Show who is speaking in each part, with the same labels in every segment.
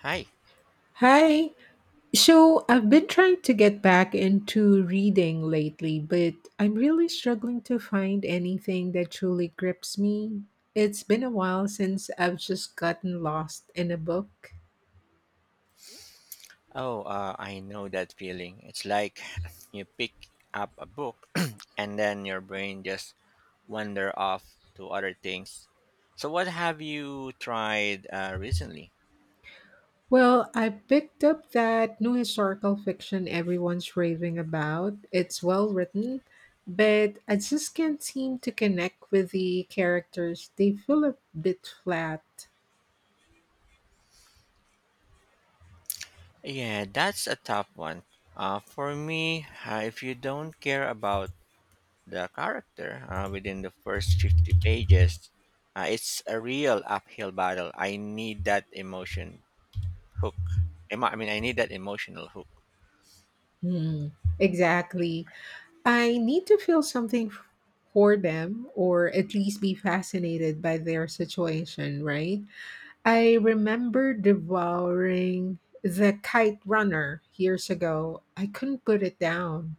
Speaker 1: Hi.
Speaker 2: Hi. So I've been trying to get back into reading lately, but I'm really struggling to find anything that truly grips me. It's been a while since I've just gotten lost in a book.
Speaker 1: Oh, I know that feeling. It's like you pick up a book and then your brain just wander off to other things. So, what have you tried recently?
Speaker 2: Well, I picked up that new historical fiction everyone's raving about. It's well written, but I just can't seem to connect with the characters. They feel a bit flat.
Speaker 1: Yeah, that's a tough one. For me, if you don't care about the character within the first 50 pages, it's a real uphill battle. I need that emotion hook. I need that emotional hook.
Speaker 2: Hmm, exactly. I need to feel something for them, or at least be fascinated by their situation, right? I remember devouring The Kite Runner years ago. I couldn't put it down.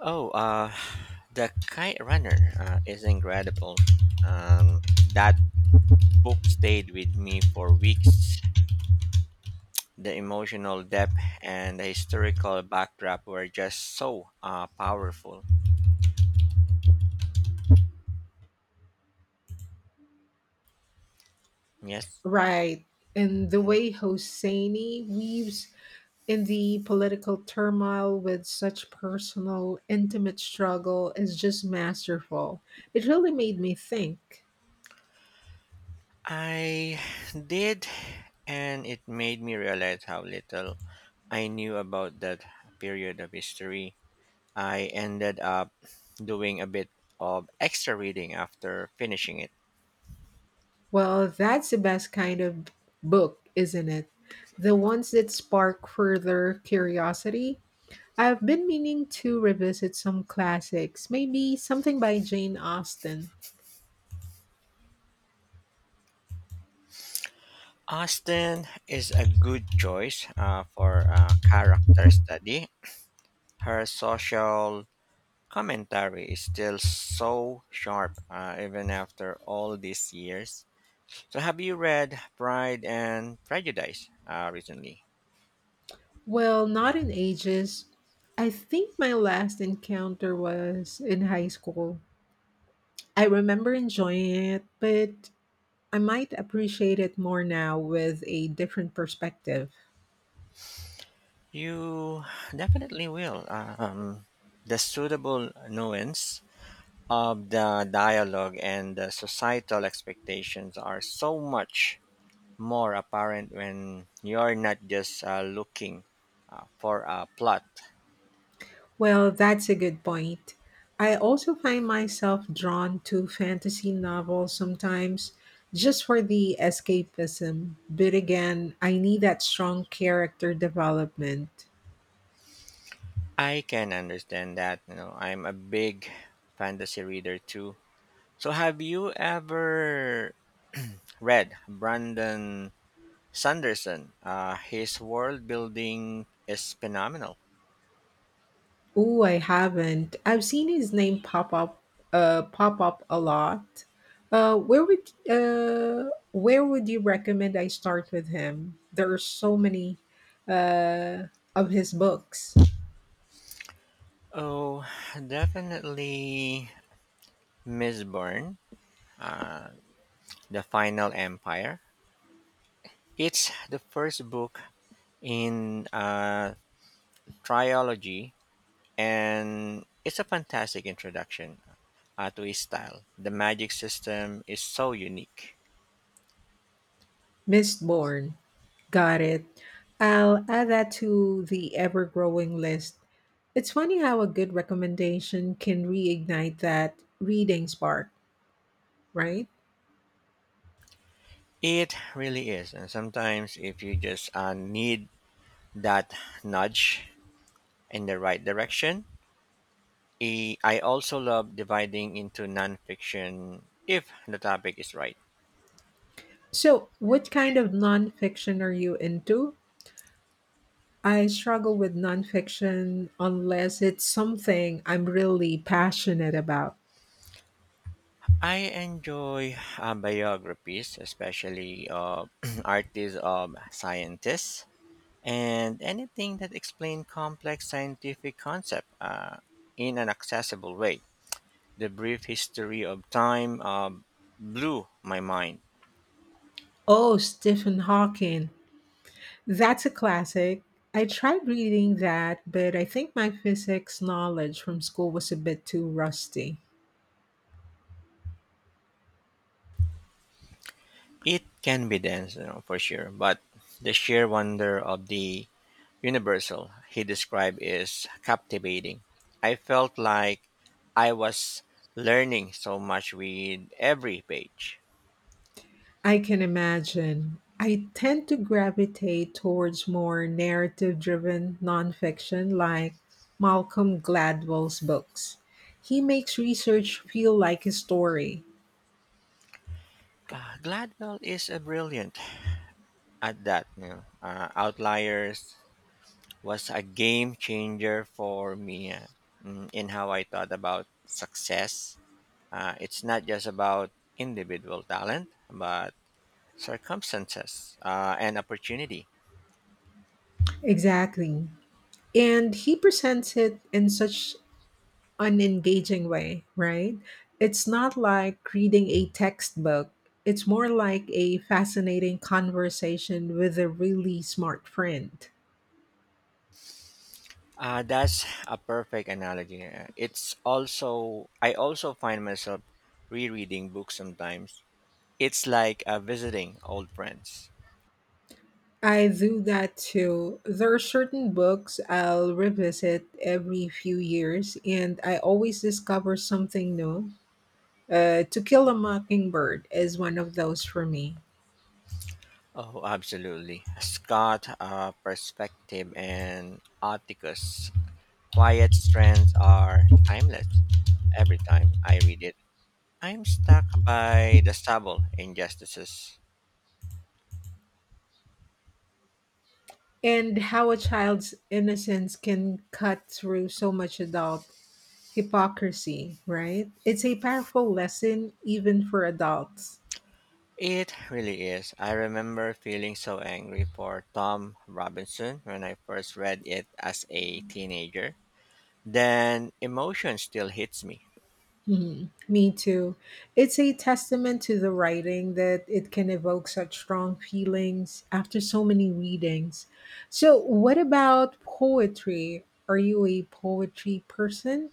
Speaker 1: Oh, uh, the Kite Runner is incredible. Um, that book stayed with me for weeks. The emotional depth and the historical backdrop were just so powerful. Yes,
Speaker 2: Right. And the way Hosseini weaves in the political turmoil with such personal, intimate struggle is just masterful. It really made me think.
Speaker 1: I did, and it made me realize how little I knew about that period of history. I ended up doing a bit of extra reading after finishing it.
Speaker 2: Well, that's the best kind of book, isn't it? The ones that spark further curiosity. I've been meaning to revisit some classics, maybe something by Jane Austen.
Speaker 1: Austen is a good choice for a character study. Her social commentary is still so sharp, even after all these years. So, have you read Pride and Prejudice recently?
Speaker 2: Well, not in ages. I think my last encounter was in high school. I remember enjoying it, but I might appreciate it more now with a different perspective.
Speaker 1: You definitely will. The suitable nuance of the dialogue and the societal expectations are so much more apparent when you're not just looking for a plot.
Speaker 2: Well, that's a good point. I also find myself drawn to fantasy novels sometimes just for the escapism. But again, I need that strong character development.
Speaker 1: I can understand that. You know, I'm a big fantasy reader too. So, have you ever read Brandon Sanderson? His world building is phenomenal.
Speaker 2: Oh, I haven't. I've seen his name pop up a lot. Where would where would you recommend I start with him? There are so many, uh, of his books.
Speaker 1: Oh, definitely Miss Bourne, uh, The Final Empire. It's the first book in a trilogy. And it's a fantastic introduction to his style. The magic system is so unique.
Speaker 2: Mistborn, got it. I'll add that to the ever-growing list. It's funny how a good recommendation can reignite that reading spark, right?
Speaker 1: It really is. And sometimes, if you just need that nudge in the right direction, I also love dividing into nonfiction if the topic is right.
Speaker 2: So, what kind of nonfiction are you into? I struggle with nonfiction unless it's something I'm really passionate about.
Speaker 1: I enjoy biographies, especially of artists of scientists, and anything that explains complex scientific concepts in an accessible way. The brief history of time blew my mind.
Speaker 2: Oh, Stephen Hawking. That's a classic. I tried reading that, but I think my physics knowledge from school was a bit too rusty.
Speaker 1: It can be dense, you know, for sure, but the sheer wonder of the universal he described is captivating. I felt like I was learning so much with every page.
Speaker 2: I can imagine. I tend to gravitate towards more narrative driven nonfiction like Malcolm Gladwell's books. He makes research feel like a story.
Speaker 1: Gladwell is a brilliant at that. You know, outliers, was a game changer for me in how I thought about success. It's not just about individual talent, but circumstances and opportunity.
Speaker 2: Exactly. And he presents it in such an engaging way, right? It's not like reading a textbook, it's more like a fascinating conversation with a really smart friend.
Speaker 1: That's a perfect analogy. I also find myself rereading books sometimes. It's like visiting old friends.
Speaker 2: I do that too. There are certain books I'll revisit every few years, and I always discover something new. To Kill a Mockingbird is one of those for me.
Speaker 1: Oh, absolutely. Scott, Perspective, and Atticus. Quiet strands are timeless. Every time I read it, I'm stuck by the stubble injustices.
Speaker 2: And how a child's innocence can cut through so much adult hypocrisy, right? It's a powerful lesson even for adults.
Speaker 1: It really is. I remember feeling so angry for Tom Robinson when I first read it as a teenager. Then emotion still hits me.
Speaker 2: Mhm. Me too. It's a testament to the writing that it can evoke such strong feelings after so many readings. So, what about poetry? Are you a poetry person?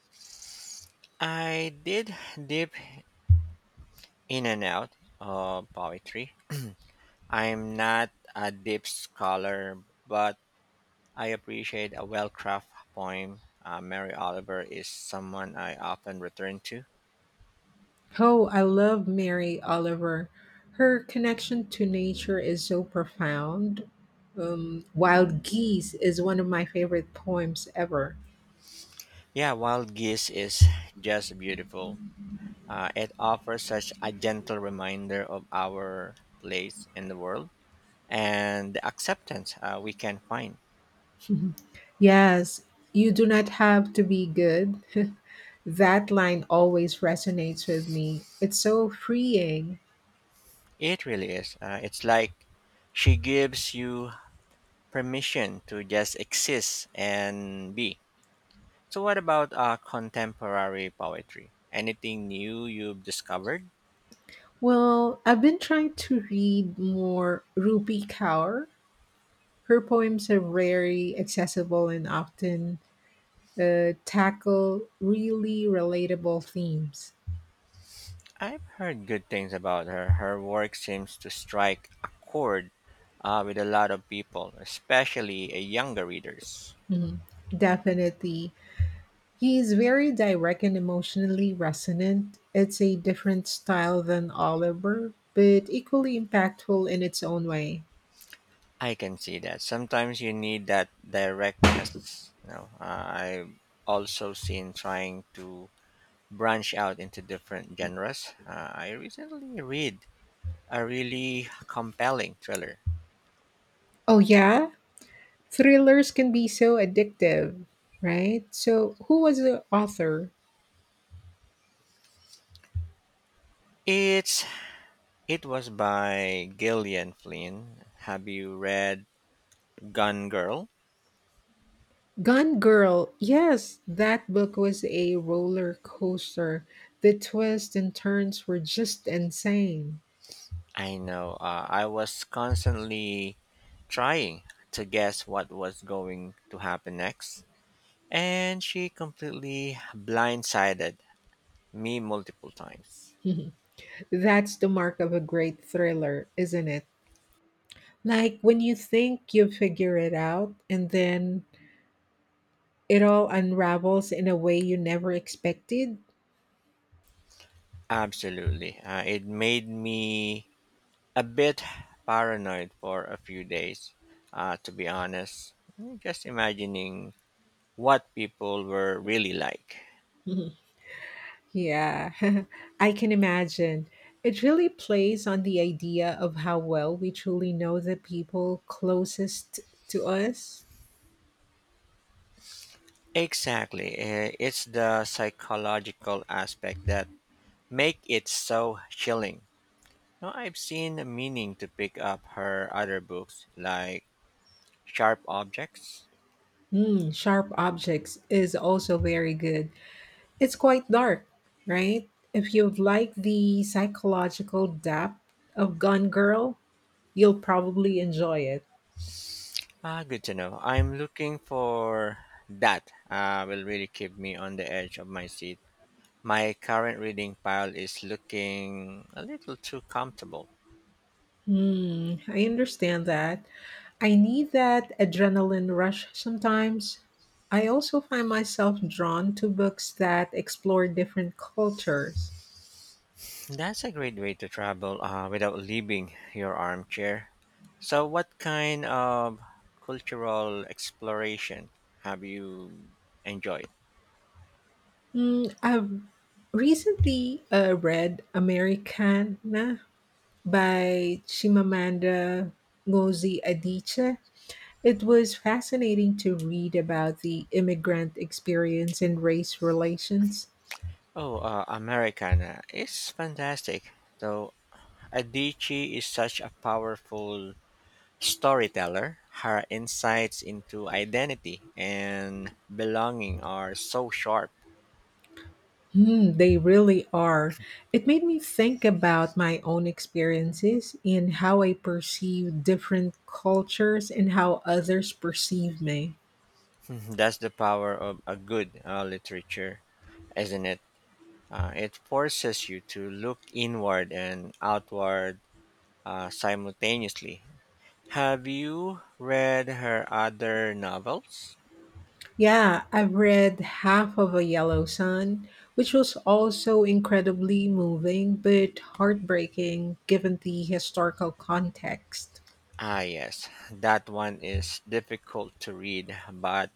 Speaker 1: I did dip in and out of poetry. I'm not a deep scholar, but I appreciate a well crafted poem. Mary Oliver is someone I often return to.
Speaker 2: Oh, I love Mary Oliver. Her connection to nature is so profound. Wild Geese is one of my favorite poems ever.
Speaker 1: Yeah, wild geese is just beautiful. It offers such a gentle reminder of our place in the world and the acceptance we can find.
Speaker 2: Mhm. Yes, you do not have to be good. That line always resonates with me. It's so freeing.
Speaker 1: It really is. It's like she gives you permission to just exist and be. So, what about contemporary poetry? Anything new you've discovered?
Speaker 2: Well, I've been trying to read more Rupi Kaur. Her poems are very accessible and often tackle really relatable themes.
Speaker 1: I've heard good things about her. Her work seems to strike a chord with a lot of people, especially younger readers.
Speaker 2: Mhm. Definitely. He is very direct and emotionally resonant. It's a different style than Oliver, but equally impactful in its own way.
Speaker 1: I can see that. Sometimes you need that directness. You know, I've also seen trying to branch out into different genres. I recently read a really compelling thriller.
Speaker 2: Oh yeah, thrillers can be so addictive, right? So, who was the author?
Speaker 1: It's it was by Gillian Flynn. Have you read Gun Girl?
Speaker 2: Gone Girl. Yes, that book was a roller coaster. The twists and turns were just insane.
Speaker 1: I know. I was constantly trying to guess what was going to happen next, and she completely blindsided me multiple times.
Speaker 2: That's the mark of a great thriller, isn't it? Like when you think you figure it out, and then it all unravels in a way you never expected.
Speaker 1: Absolutely. It made me a bit paranoid for a few days, to be honest. Just imagining what people were really like.
Speaker 2: Yeah, I can imagine. It really plays on the idea of how well we truly know the people closest to us.
Speaker 1: Exactly. It's the psychological aspect that make it so chilling. Now I've seen a meaning to pick up her other books, like Sharp Objects.
Speaker 2: Hmm, Sharp Objects is also very good. It's quite dark, right? If you've liked the psychological depth of Gone Girl, you'll probably enjoy it.
Speaker 1: Ah, good to know. I'm looking for that. Will really keep me on the edge of my seat. My current reading pile is looking a little too comfortable.
Speaker 2: Hmm, I understand that. I need that adrenaline rush sometimes. I also find myself drawn to books that explore different cultures.
Speaker 1: That's a great way to travel without leaving your armchair. So, what kind of cultural exploration have you enjoyed?
Speaker 2: Mm, I've recently read Americana by Chimamanda Ngozi Adichie. It was fascinating to read about the immigrant experience and race relations.
Speaker 1: Oh, Americana is fantastic, though Adichie is such a powerful storyteller. Her insights into identity and belonging are so sharp.
Speaker 2: Hmm, they really are. It made me think about my own experiences and how I perceive different cultures and how others perceive me.
Speaker 1: That's the power of a good literature, isn't it? It forces you to look inward and outward simultaneously. Have you read her other novels?
Speaker 2: Yeah, I've read Half of A Yellow Sun, which was also incredibly moving but heartbreaking given the historical context.
Speaker 1: Ah, yes, that one is difficult to read, but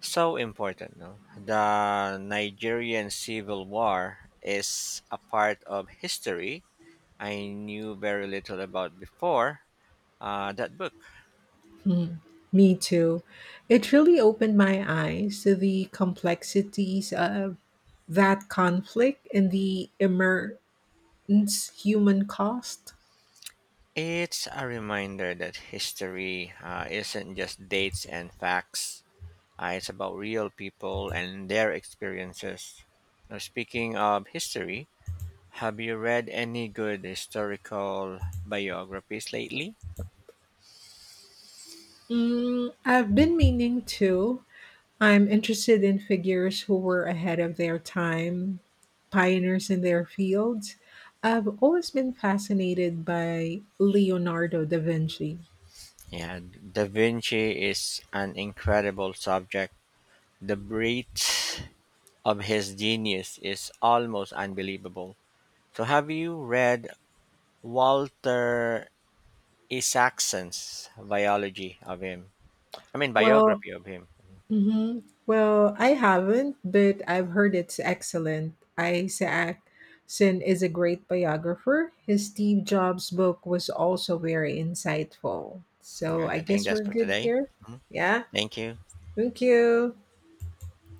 Speaker 1: so important. No? The Nigerian Civil War is a part of history I knew very little about before that book.
Speaker 2: Hmm, me too. It really opened my eyes to the complexities of that conflict and the immense human cost.
Speaker 1: It's a reminder that history isn't just dates and facts, it's about real people and their experiences. Now, speaking of history, have you read any good historical biographies lately?
Speaker 2: Mm, I've been meaning to. I am interested in figures who were ahead of their time, pioneers in their fields. I've always been fascinated by Leonardo da Vinci.
Speaker 1: Yeah, Da Vinci is an incredible subject. The breadth of his genius is almost unbelievable. So, have you read Walter Isaacson's biology of him?
Speaker 2: Well,
Speaker 1: Biography of him.
Speaker 2: hmm well, I haven't, but I've heard it's excellent. Isaac Sin is a great biographer. His Steve Jobs book was also very insightful.
Speaker 1: All
Speaker 2: So
Speaker 1: right,
Speaker 2: I
Speaker 1: I think
Speaker 2: guess
Speaker 1: that's
Speaker 2: we're
Speaker 1: for
Speaker 2: good
Speaker 1: today.
Speaker 2: here.
Speaker 1: Mhm.
Speaker 2: Yeah.
Speaker 1: Thank you.
Speaker 2: Thank you.